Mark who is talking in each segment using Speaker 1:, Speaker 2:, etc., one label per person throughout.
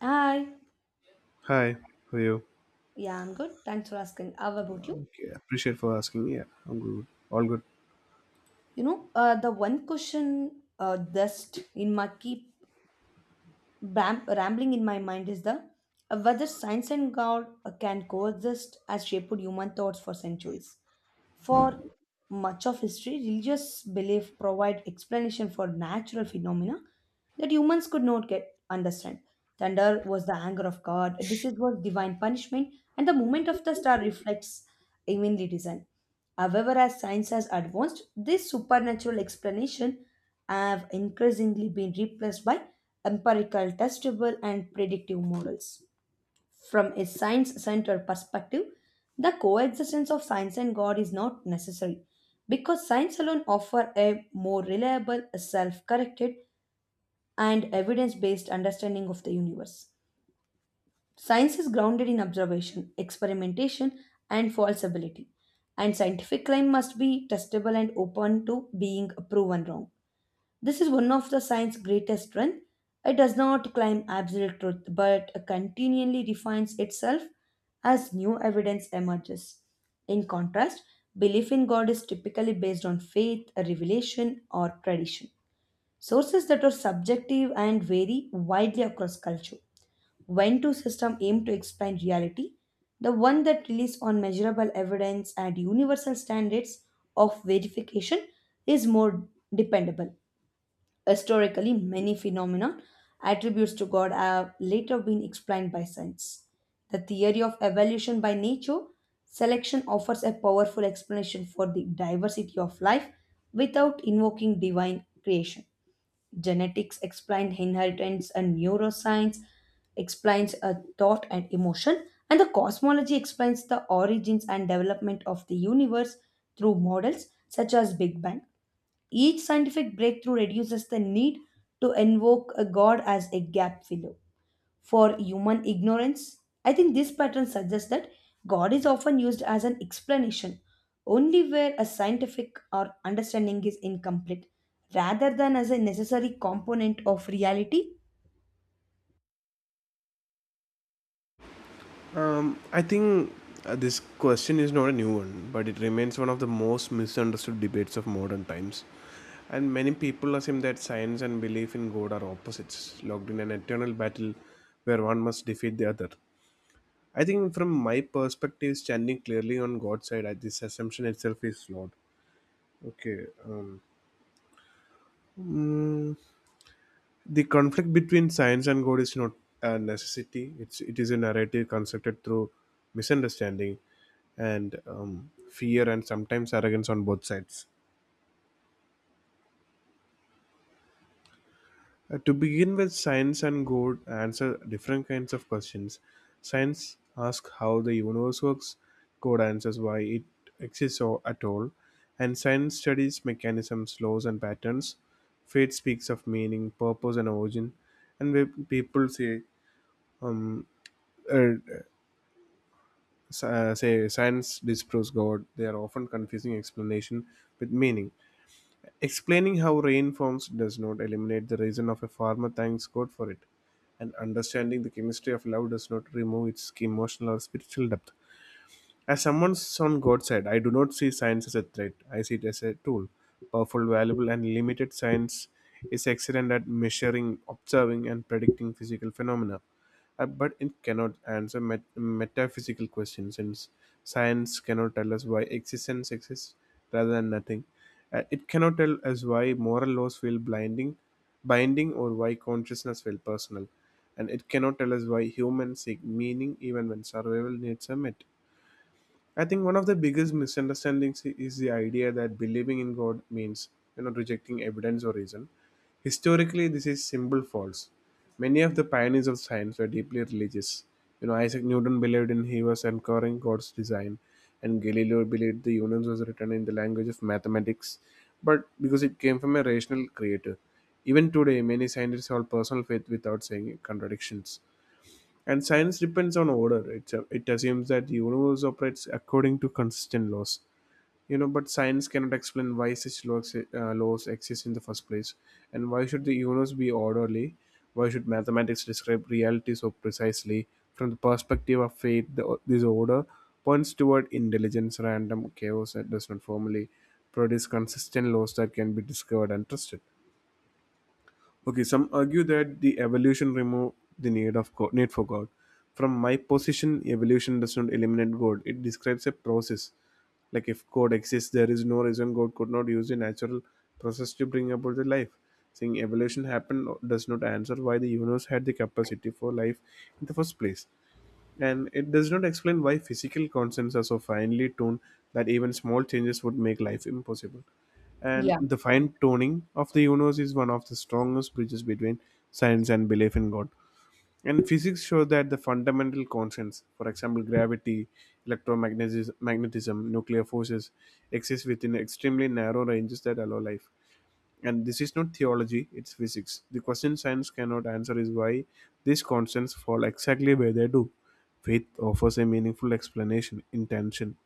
Speaker 1: Hi.
Speaker 2: Hi, how are you?
Speaker 1: Yeah, I'm good. Thanks for asking. How about you?
Speaker 2: Okay, appreciate for asking. Yeah, I'm good. All good.
Speaker 1: The one question dust in my keep rambling in my mind is the whether science and God can coexist as shaped human thoughts for centuries. For much of history, religious belief provide explanation for natural phenomena that humans could not get understand. Thunder was the anger of God, disease was divine punishment, and the movement of the star reflects heavenly design. However, as science has advanced, this supernatural explanation have increasingly been replaced by empirical, testable, and predictive models. From a science centered perspective, the coexistence of science and God is not necessary because science alone offers a more reliable, self corrected, and evidence based understanding of the universe. Science is grounded in observation, experimentation, and falsibility, and scientific claim must be testable and open to being proven wrong. This is one of the science's greatest strengths. It does not claim absolute truth, but continually refines itself as new evidence emerges. In contrast, belief in God is typically based on faith, a revelation, or tradition. Sources that are subjective and vary widely across culture. When two systems aim to explain reality, the one that relies on measurable evidence and universal standards of verification is more dependable. Historically, many phenomena attributes to God have later been explained by science. The theory of evolution by nature selection offers a powerful explanation for the diversity of life without invoking divine creation. Genetics explains inheritance and neuroscience explains a thought and emotion and the cosmology explains the origins and development of the universe through models such as big bang, each scientific breakthrough reduces the need to invoke a god as a gap filler for human ignorance. I think this pattern suggests that God is often used as an explanation only where a scientific or understanding is incomplete rather than as a necessary component of reality.
Speaker 2: I think this question is not a new one, but it remains one of the most misunderstood debates of modern times. And many people assume that science and belief in God are opposites, locked in an eternal battle where one must defeat the other. I think, from my perspective, standing clearly on God's side, this assumption itself is flawed. Okay. Mm, the conflict between science and god is not a necessity, it is a narrative constructed through misunderstanding and fear and sometimes arrogance on both sides. To begin with, science and god answer different kinds of questions. Science asks how the universe works, god answers why it exists or at all, and science studies mechanisms, laws and patterns. Faith speaks of meaning, purpose and origin. And when people say um, uh, say science disproves God, they are often confusing explanation with meaning. Explaining how rain forms does not eliminate the reason of a farmer thanks God for it, and understanding the chemistry of love does not remove its emotional or spiritual depth. As someone on God's side, I do not see science as a threat. I see it as a tool. Powerful, valuable, and limited, science is excellent at measuring, observing, and predicting physical phenomena. But it cannot answer metaphysical questions, since science cannot tell us why existence exists rather than nothing. It cannot tell us why moral laws feel blinding, binding, or why consciousness feels personal. And it cannot tell us why humans seek meaning even when survival needs are met. I think one of the biggest misunderstandings is the idea that believing in God means, you know, rejecting evidence or reason. Historically, this is simple false. Many of the pioneers of science were deeply religious. You know, Isaac Newton believed in he was anchoring God's design, and Galileo believed the universe was written in the language of mathematics, but because it came from a rational creator. Even today, many scientists hold personal faith without saying contradictions. And science depends on order. It assumes that the universe operates according to consistent laws. You know, but science cannot explain why such laws exist in the first place. And why should the universe be orderly? Why should mathematics describe reality so precisely? From the perspective of faith, this order points toward intelligence, random chaos that does not formally produce consistent laws that can be discovered and trusted. Okay, some argue that the evolution removed the need of God, need for God. From my position, evolution does not eliminate God. It describes a process. Like if God exists, there is no reason God could not use the natural process to bring about the life. Saying evolution happened does not answer why the universe had the capacity for life in the first place. And it does not explain why physical constants are so finely tuned that even small changes would make life impossible. And
Speaker 1: Yeah.
Speaker 2: the fine tuning of the universe is one of the strongest bridges between science and belief in God. And physics shows that the fundamental constants, for example, gravity, electromagnetism, magnetism, nuclear forces, exist within extremely narrow ranges that allow life. And this is not theology, it's physics. The question science cannot answer is why these constants fall exactly where they do. Faith offers a meaningful explanation, intention.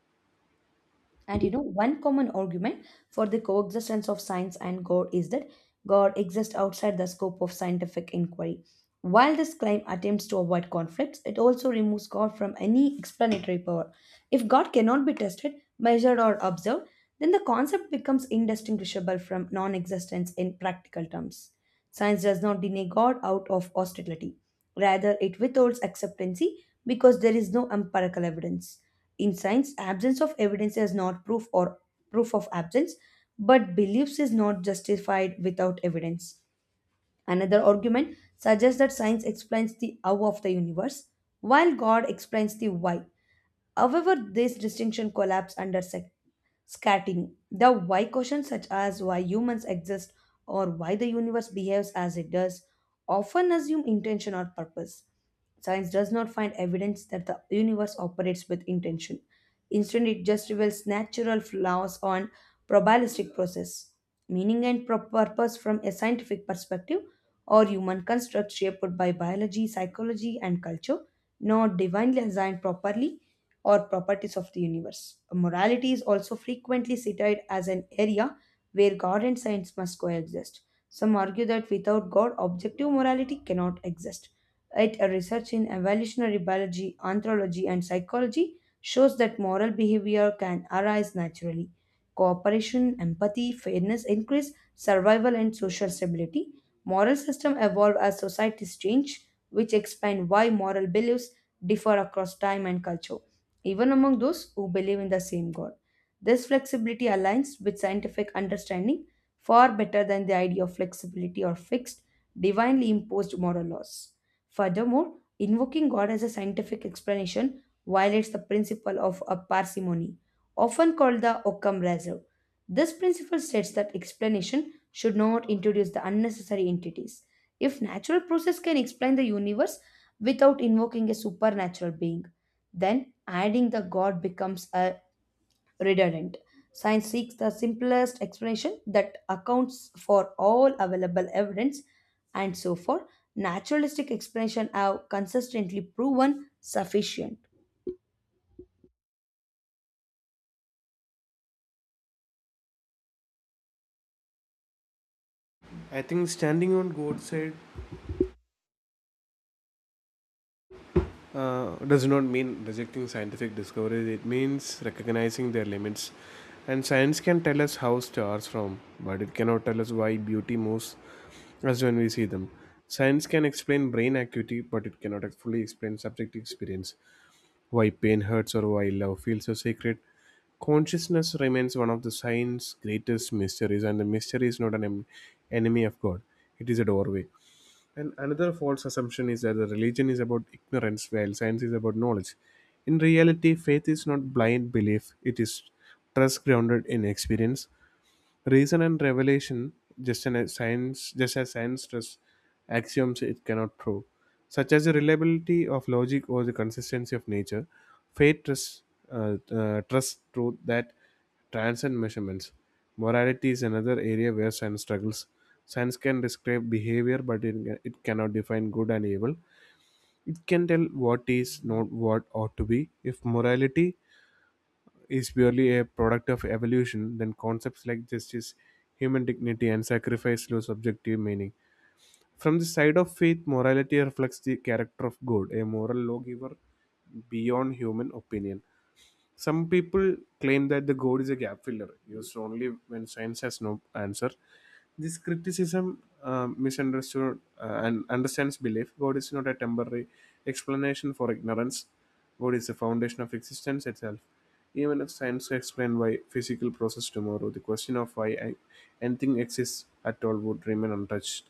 Speaker 1: One common argument for the coexistence of science and God is that God exists outside the scope of scientific inquiry. While this claim attempts to avoid conflicts, it also removes God from any explanatory power. If God cannot be tested, measured or observed, then the concept becomes indistinguishable from non existence in practical terms. Science does not deny God out of hostility, rather, it withholds acceptancy because there is no empirical evidence. In science, absence of evidence is not proof or proof of absence, but beliefs is not justified without evidence. Another argument suggests that science explains the how of the universe, while God explains the why. However, this distinction collapsed under scattering. The why questions, such as why humans exist or why the universe behaves as it does, often assume intention or purpose. Science does not find evidence that the universe operates with intention. Instead, it just reveals natural flaws on probabilistic process. Meaning and purpose from a scientific perspective or human construct shaped by biology, psychology, and culture, not divinely assigned properly or properties of the universe. Morality is also frequently cited as an area where God and science must coexist. Some argue that without God, objective morality cannot exist. Yet, a research in evolutionary biology, anthropology, and psychology shows that moral behavior can arise naturally. Cooperation, empathy, fairness increase survival and social stability. Moral systems evolve as societies change, which explain why moral beliefs differ across time and culture even among those who believe in the same God. This flexibility aligns with scientific understanding far better than the idea of flexibility or fixed, divinely imposed moral laws. Furthermore, invoking God as a scientific explanation violates the principle of a parsimony, often called the Occam razor. This principle states that explanation should not introduce the unnecessary entities. If natural process can explain the universe without invoking a supernatural being, then adding the god becomes a redundant. Science seeks the simplest explanation that accounts for all available evidence and so forth. Naturalistic explanation have consistently proven sufficient.
Speaker 2: I think standing on God's side does not mean rejecting scientific discoveries, it means recognizing their limits. And science can tell us how stars form, but it cannot tell us why beauty moves us when we see them. Science can explain brain activity, but it cannot fully explain subjective experience. Why pain hurts or why love feels so sacred. Consciousness remains one of the science's greatest mysteries, and the mystery is not an enemy of God, it is a doorway. And another false assumption is that the religion is about ignorance, while science is about knowledge. In reality, faith is not blind belief, it is trust grounded in experience. Reason and revelation, just as science does axioms it cannot prove, such as the reliability of logic or the consistency of nature. Faith trusts trust truth that transcend measurements. Morality is another area where science struggles. Science can describe behavior, but it cannot define good and evil. It can tell what is not what ought to be. If morality is purely a product of evolution, then concepts like justice, human dignity, and sacrifice lose subjective meaning. From the side of faith, morality reflects the character of God, a moral lawgiver beyond human opinion. Some people claim that the God is a gap filler, used only when science has no answer. This criticism misunderstood and understands belief. God is not a temporary explanation for ignorance. God is the foundation of existence itself. Even if science explained why physical process tomorrow, the question of why anything exists at all would remain untouched.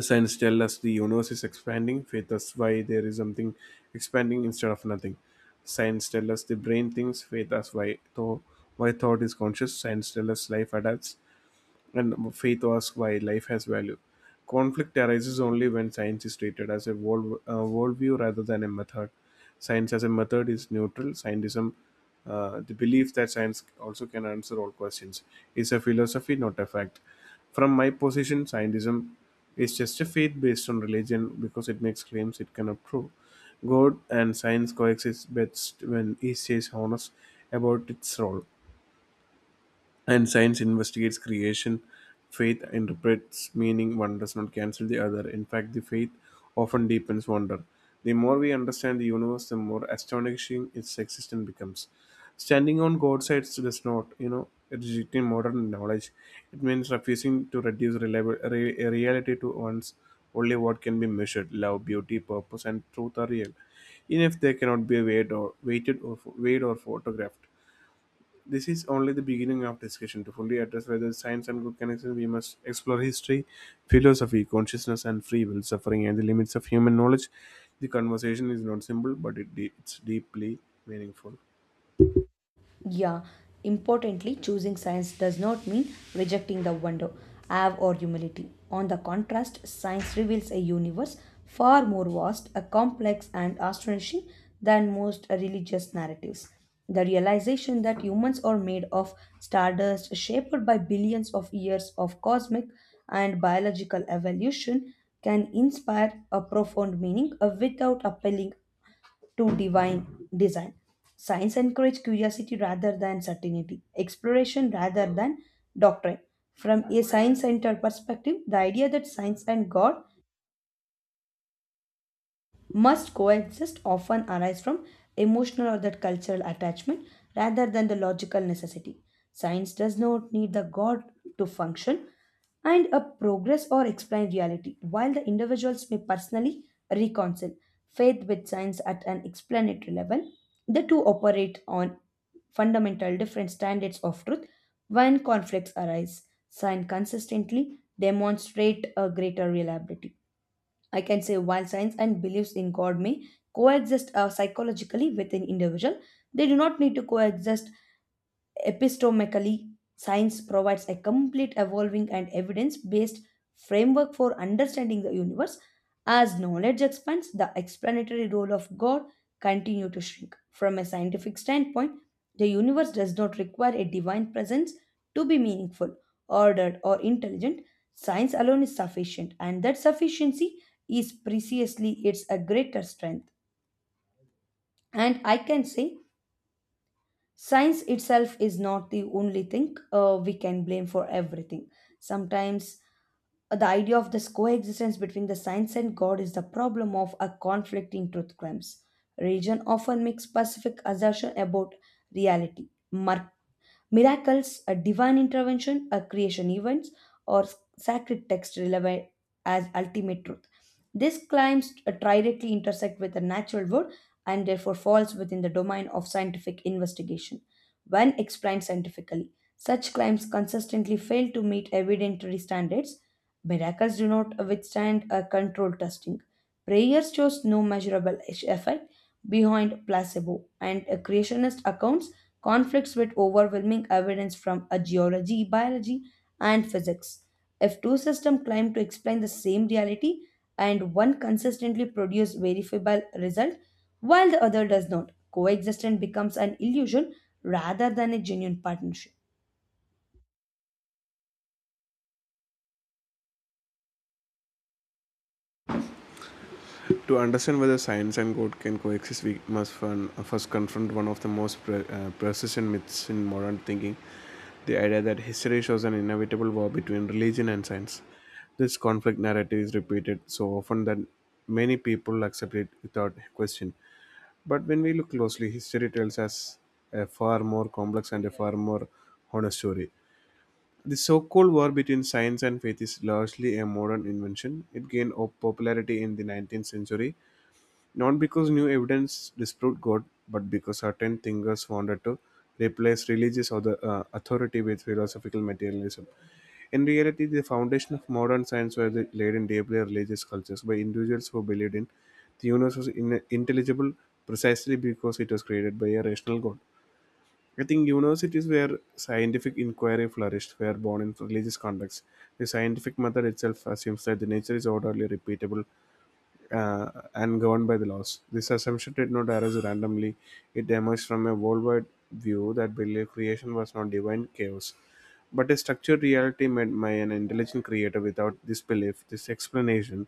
Speaker 2: Science tells us the universe is expanding. Faith us why there is something expanding instead of nothing. Science tells us the brain thinks. Faith us why thought is conscious. Science tells us life adapts. And faith asks why life has value. Conflict arises only when science is treated as a worldview rather than a method. Science as a method is neutral. Scientism, the belief that science also can answer all questions, is a philosophy, not a fact. From my position, scientism is just a faith based on religion because it makes claims it cannot prove. God and science coexist best when each is honest about its role. And science investigates creation, faith interprets meaning. One does not cancel the other. In fact, the faith often deepens wonder. The more we understand the universe, the more astonishing its existence becomes. Standing on god's side does not, you know, rejecting modern knowledge. It means refusing to reduce reality to one's only what can be measured. Love, beauty, purpose and truth are real, even if they cannot be weighed or photographed. This is only the beginning of discussion. To fully address whether science and good connection, we must explore history, philosophy, consciousness, and free will, suffering, and the limits of human knowledge. The conversation is not simple, but it it's deeply meaningful.
Speaker 1: Yeah, importantly, choosing science does not mean rejecting the wonder, awe, or humility. On the contrast, science reveals a universe far more vast, a complex, and astonishing than most religious narratives. The realization that humans are made of stardust shaped by billions of years of cosmic and biological evolution can inspire a profound meaning without appealing to divine design. Science encourages curiosity rather than certainty, exploration rather than doctrine. From a science centered perspective, the idea that science and God must coexist often arise from emotional or that cultural attachment rather than the logical necessity. Science does not need the God to function and a progress or explain reality, while the individuals may personally reconcile faith with science at an explanatory level. The two operate on fundamental different standards of truth when conflicts arise. Science consistently demonstrate a greater reliability. I can say while science and beliefs in God may coexist psychologically within individual, they do not need to coexist Epistemically, science provides a complete, evolving, and evidence based framework for understanding the universe. As knowledge expands, the explanatory role of God continues to shrink. From a scientific standpoint, the universe does not require a divine presence to be meaningful, ordered, or intelligent. Science alone is sufficient, and that sufficiency is precisely its a greater strength. And I can say science itself is not the only thing we can blame for everything. Sometimes the idea of this coexistence between the science and God is the problem of a conflicting truth claims. Religion often makes specific assertion about reality, miracles, a divine intervention, a creation events, or sacred text relevant as ultimate truth. These claims directly intersect with the natural world and therefore falls within the domain of scientific investigation. When explained scientifically, such claims consistently fail to meet evidentiary standards. Miracles do not withstand a controlled testing. Prayers shows no measurable effect, behind placebo, and creationist accounts conflicts with overwhelming evidence from a geology, biology, and physics. If two systems claim to explain the same reality and one consistently produces verifiable result while the other does not, coexistence becomes an illusion rather than a genuine partnership.
Speaker 2: To understand whether science and God can coexist, we must first confront one of the most persistent myths in modern thinking, the idea that history shows an inevitable war between religion and science. This conflict narrative is repeated so often that many people accept it without question. But when we look closely, history tells us a far more complex and a far more honest story. The so called war between science and faith is largely a modern invention. It gained popularity in the 19th century not because new evidence disproved God, but because certain thinkers wanted to replace authority with philosophical materialism. In reality, the foundation of modern science was laid in deeply religious cultures by individuals who believed in the universe was intelligible precisely because it was created by a rational God. I think universities where scientific inquiry flourished were born in religious contexts. The scientific method itself assumes that the nature is orderly, repeatable, and governed by the laws. This assumption did not arise randomly, it emerged from a worldwide view that believed creation was not divine chaos, but a structured reality made by an intelligent creator without this belief, this explanation,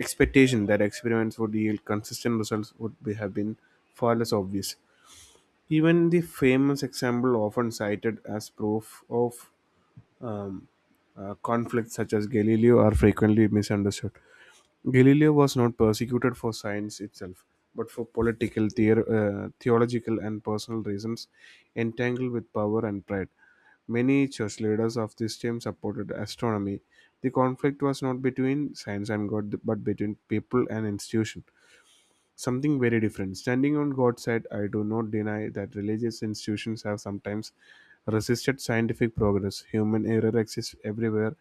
Speaker 2: expectation that experiments would yield consistent results would be, have been far less obvious. Even the famous example often cited as proof of um, conflicts such as Galileo are frequently misunderstood. Galileo was not persecuted for science itself, but for political, theological, and personal reasons entangled with power and pride. Many church leaders of this time supported astronomy. The conflict was not between science and God, but between people and institution, something very different. Standing on God's side, I do not deny that religious institutions have sometimes resisted scientific progress. Human error exists everywhere,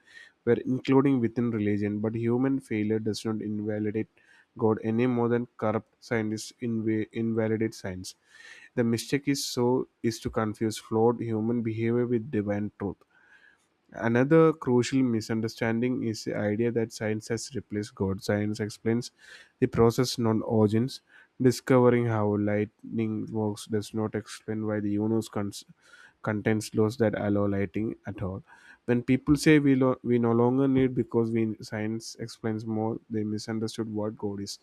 Speaker 2: where including within religion, but human failure does not invalidate God any more than corrupt scientists invalidate science. The mistake is so is to confuse flawed human behavior with divine truth. Another crucial misunderstanding is the idea that science has replaced God. Science explains the process, not origins. Discovering how lightning works does not explain why the universe contains laws that allow lighting at all. When people say we, we no longer need because we science explains more, they misunderstood what God is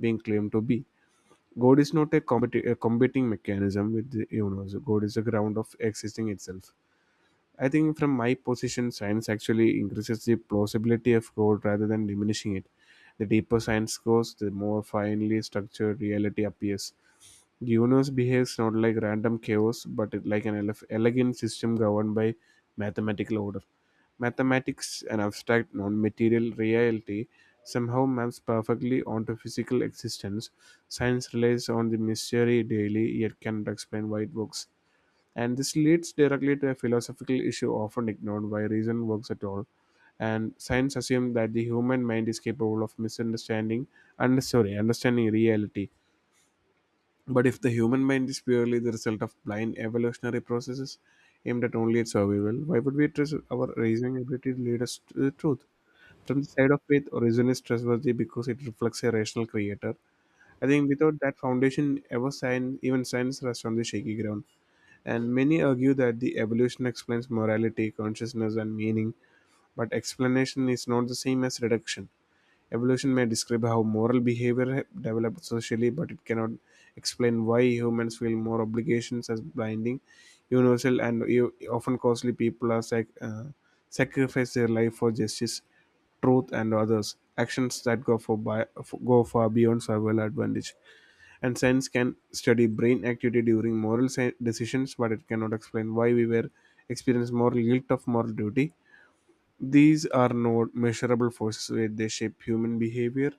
Speaker 2: being claimed to be. God is not a competing mechanism with the universe. God is the ground of existing itself. I think from my position, science actually increases the plausibility of code rather than diminishing it. The deeper science goes, the more finely structured reality appears. The universe behaves not like random chaos, but like an elegant system governed by mathematical order. Mathematics, an abstract non material reality, somehow maps perfectly onto physical existence. Science relies on the mystery daily, yet cannot explain why it works. And this leads directly to a philosophical issue often ignored why reason works at all. And science assumes that the human mind is capable of misunderstanding and sorry, understanding reality. But if the human mind is purely the result of blind evolutionary processes aimed at only its survival, why would we trust our reasoning ability to lead us to the truth? From the side of faith, reason is trustworthy because it reflects a rational creator. I think without that foundation, even science rests on the shaky ground. And many argue that the evolution explains morality, consciousness, and meaning, but explanation is not the same as reduction. Evolution may describe how moral behavior developed socially, but it cannot explain why humans feel more obligations as blinding, universal, and often costly. People are sacrifice their life for justice, truth, and others. Actions that go far beyond survival advantage, and science can study brain activity during decisions, but it cannot explain why we were experience moral guilt of moral duty. These are not measurable forces, yet they shape human behavior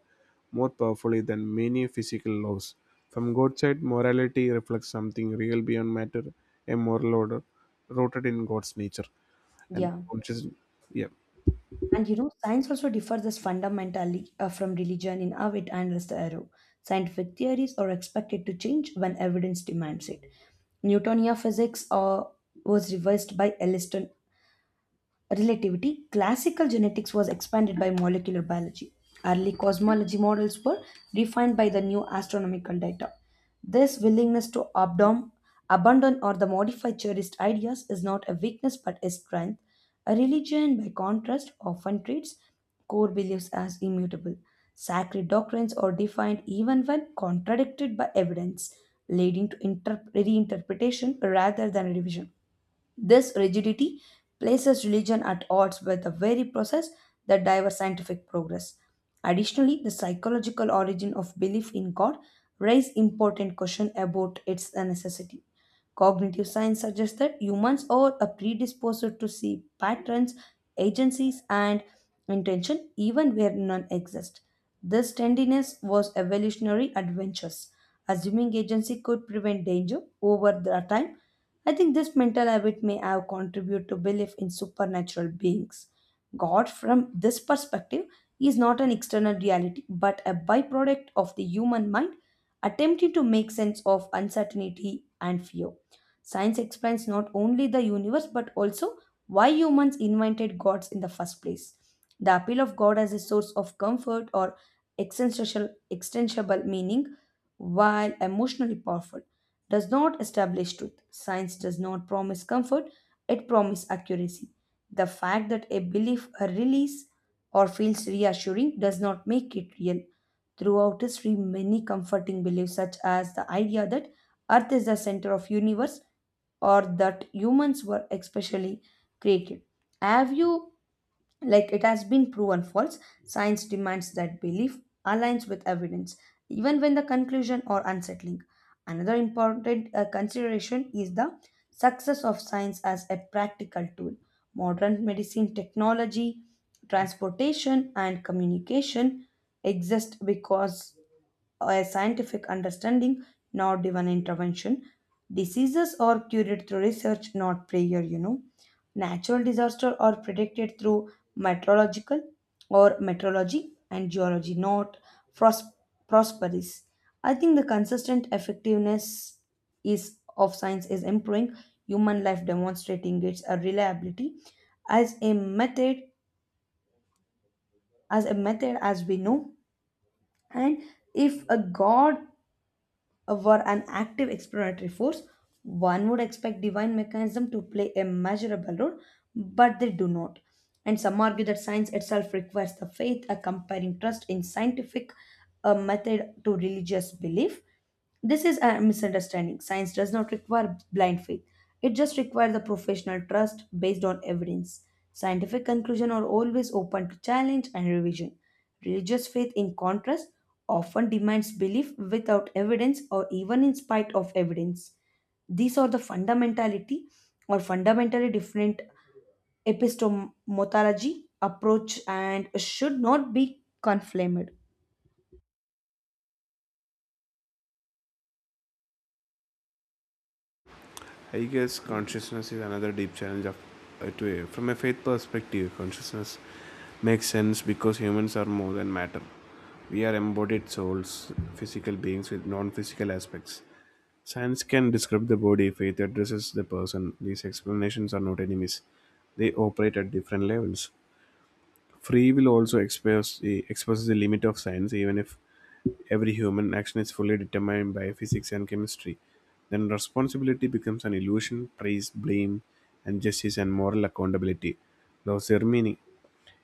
Speaker 2: more powerfully than many physical laws. From God's side, morality reflects something real beyond matter, a moral order rooted in God's nature and
Speaker 1: Yeah.
Speaker 2: consciousness. Yeah,
Speaker 1: Science also differs as fundamentally from religion in how it handles the arrow. Scientific theories are expected to change when evidence demands it. Newtonian physics was revised by Elliston relativity, classical genetics was expanded by molecular biology. Early cosmology models were refined by the new astronomical data. This willingness to abandon or the modify cherished ideas is not a weakness but a strength. A religion, by contrast, often treats core beliefs as immutable. Sacred doctrines are defined even when contradicted by evidence, leading to reinterpretation rather than revision. This rigidity places religion at odds with the very process that drives scientific progress. Additionally, the psychological origin of belief in God raises important questions about its necessity. Cognitive science suggests that humans are a predisposed to see patterns, agencies, and intention even where none exist. This tenderness was evolutionary adventures. Assuming agency could prevent danger over the time, I think this mental habit may have contributed to belief in supernatural beings. God, from this perspective, is not an external reality but a byproduct of the human mind attempting to make sense of uncertainty and fear. Science explains not only the universe but also why humans invented gods in the first place. The appeal of God as a source of comfort or existential, extensible meaning, while emotionally powerful, does not establish truth. Science does not promise comfort, it promises accuracy. The fact that a belief, a release, or feels reassuring does not make it real. Throughout history, many comforting beliefs such as the idea that Earth is the center of universe or that humans were especially created. Have you, like, it has been proven false. Science demands that belief aligns with evidence, even when the conclusion are unsettling. Another important consideration is the success of science as a practical tool. Modern medicine, technology, transportation, and communication exist because a scientific understanding, not divine intervention. Diseases are cured through research, not prayer. Natural disasters are predicted through meteorological or meteorology and geology, not pros- prosperous. I think the consistent effectiveness is of science is improving human life demonstrating its reliability as a method as a method as we know, and if a god were an active explanatory force, one would expect divine mechanism to play a measurable role, but they do not. And some argue that science itself requires the faith, a comparing trust in scientific method to religious belief. This is a misunderstanding. Science does not require blind faith. It just requires the professional trust based on evidence. Scientific conclusions are always open to challenge and revision. Religious faith, in contrast, often demands belief without evidence or even in spite of evidence. These are the fundamentality or fundamentally different epistemology approach and should not be conflamed.
Speaker 2: I guess consciousness is another deep challenge of to from a faith perspective. Consciousness makes sense because humans are more than matter. We are embodied souls, physical beings with non-physical aspects. Science can describe the body, faith addresses the person. These explanations are not enemies, they operate at different levels. Free will also expresses the limit of science, even if every human action is fully determined by physics and chemistry. Then responsibility becomes an illusion, praise, blame, and justice and moral accountability lose their meaning.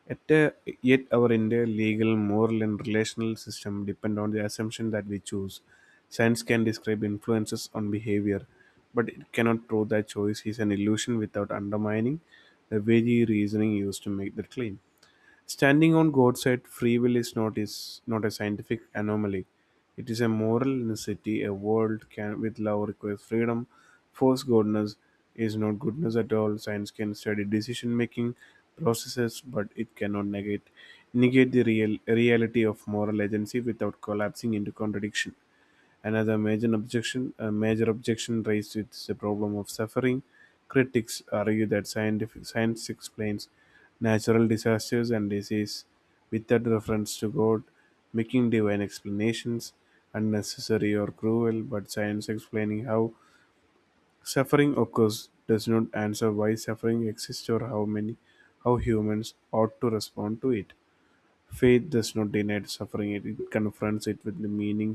Speaker 2: Yet, Yet our entire legal, moral, and relational system depend on the assumption that we choose. Science can describe influences on behavior, but it cannot prove that choice is an illusion without undermining the very reasoning used to make that claim. Standing on God's side, free will is not a scientific anomaly. It is a moral necessity. A world can with love requires freedom. Force goodness is not goodness at all. Science can study decision making processes, but it cannot negate the real reality of moral agency without collapsing into contradiction. A major objection raised with the problem of suffering. Critics argue that scientific science explains natural disasters and disease without reference to God, making divine explanations unnecessary or cruel. But science explaining how suffering occurs does not answer why suffering exists or how humans ought to respond to it. Faith does not deny suffering; it confronts it with the meaning,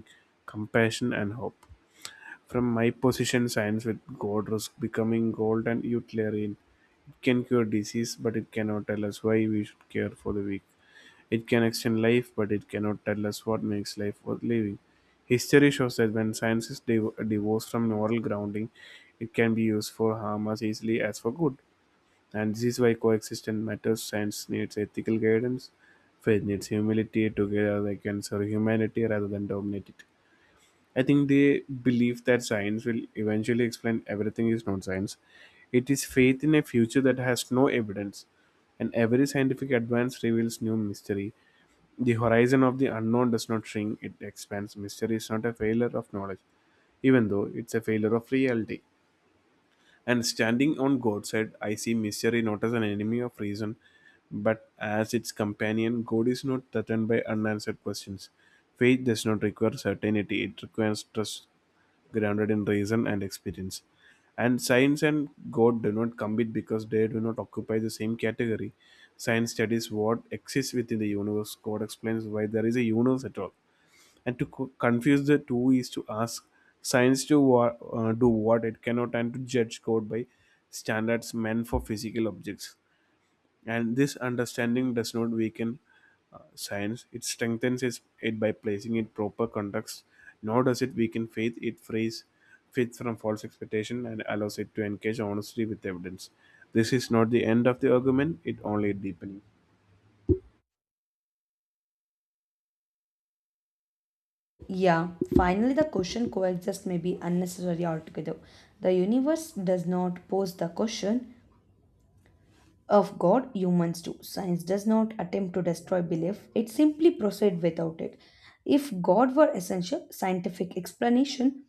Speaker 2: compassion, and hope. From my position, science with God was becoming gold and utilitarian. It can cure disease, but it cannot tell us why we should care for the weak. It can extend life, but it cannot tell us what makes life worth living. History shows that when science is divorced from moral grounding, it can be used for harm as easily as for good. And this is why coexistence matters. Science needs ethical guidance, faith needs humility. Together, they can serve humanity rather than dominate it. I think they believe that science will eventually explain everything is not science. It is faith in a future that has no evidence, and every scientific advance reveals new mystery. The horizon of the unknown does not shrink, it expands. Mystery is not a failure of knowledge, even though it's a failure of reality. And standing on God's side, I see misery not as an enemy of reason, but as its companion. God is not threatened by unanswered questions. Faith does not require certainty, it requires trust grounded in reason and experience. And science and God do not compete because they do not occupy the same category. Science studies what exists within the universe. God explains why there is a universe at all, and to confuse the two is to ask science to do what it cannot, and to judge code by standards meant for physical objects. And this understanding does not weaken science, it it by placing it proper context. Nor does it weaken faith, it frees faith from false expectation and allows it to engage honestly with evidence. This is not the end of the argument, it only deepening.
Speaker 1: Yeah, finally, the question coexist may be unnecessary altogether. The universe does not pose the question, of God, humans do. Science does not attempt to destroy belief, it simply proceeds without it. If God were essential, scientific explanation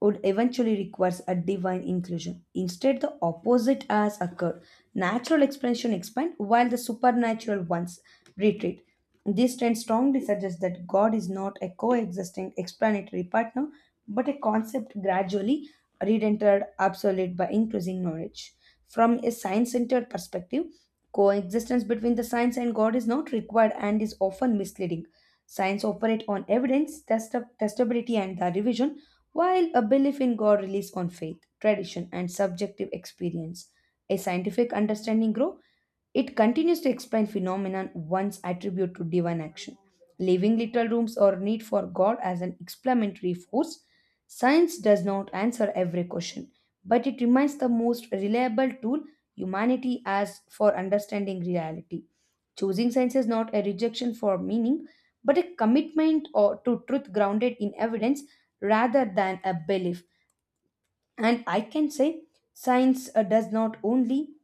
Speaker 1: would eventually requires a divine inclusion. Instead, the opposite has occurred. Natural expansion expand while the supernatural ones retreat. This trend strongly suggests that God is not a coexisting explanatory partner, but a concept gradually redented obsolete by increasing knowledge. From a science-centered perspective, coexistence between the science and God is not required and is often misleading. Science operates on evidence, testability, and the revision while a belief in God relies on faith, tradition, and subjective experience, a scientific understanding grow, it continues to explain phenomenon once attribute to divine action. Leaving little rooms or need for God as an explanatory force, science does not answer every question, but it remains the most reliable tool humanity has for understanding reality. Choosing science is not a rejection for meaning, but a commitment or to truth grounded in evidence rather than a belief. And I can say science does not only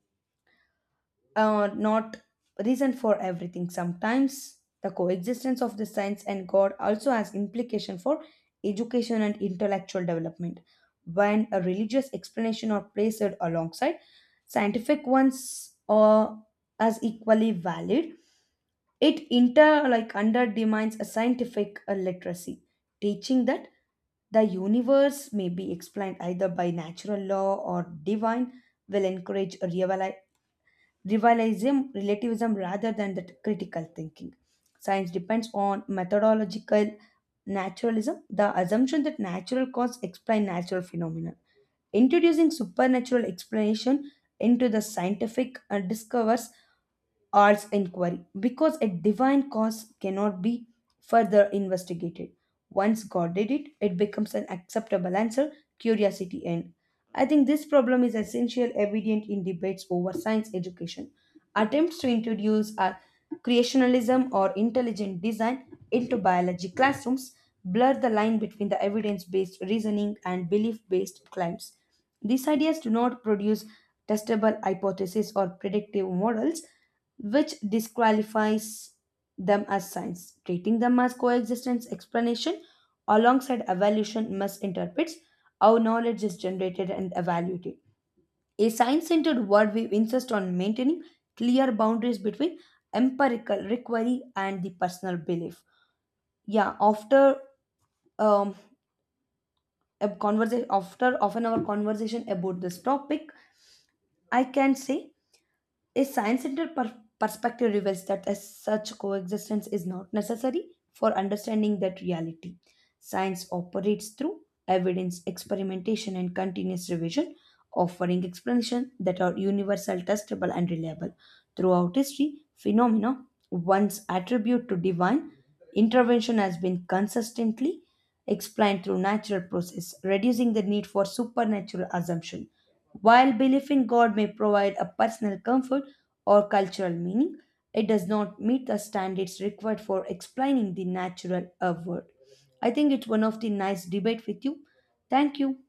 Speaker 1: not reason for everything. Sometimes the coexistence of the science and God also has implication for education and intellectual development. When a religious explanation are placed alongside scientific ones, as equally valid it inter like under demands a scientific literacy, teaching that the universe may be explained either by natural law or divine will encourage a revivalism, relativism rather than the critical thinking. Science depends on methodological naturalism, the assumption that natural causes explain natural phenomena. Introducing supernatural explanation into the scientific discovers arts inquiry because a divine cause cannot be further investigated. Once God did it, it becomes an acceptable answer, curiosity end. I think this problem is essential evident in debates over science education. Attempts to introduce a creationism or intelligent design into biology classrooms blur the line between the evidence-based reasoning and belief-based claims. These ideas do not produce testable hypotheses or predictive models, which disqualifies them as science. Treating them as coexistence explanation alongside evaluation misinterprets how knowledge is generated and evaluated. A science centered worldview insists on maintaining clear boundaries between empirical recovery and the personal belief. Yeah, after um, a conversation, after often our conversation about this topic, I can say a science centered perspective reveals that as such coexistence is not necessary for understanding that reality. Science operates through evidence, experimentation, and continuous revision, offering explanations that are universal, testable, and reliable. Throughout history, phenomena once attributed to divine intervention has been consistently explained through natural process, reducing the need for supernatural assumption. While belief in God may provide a personal comfort or cultural meaning, it does not meet the standards required for explaining the natural world. I think it's one of the nice debate with you. Thank you.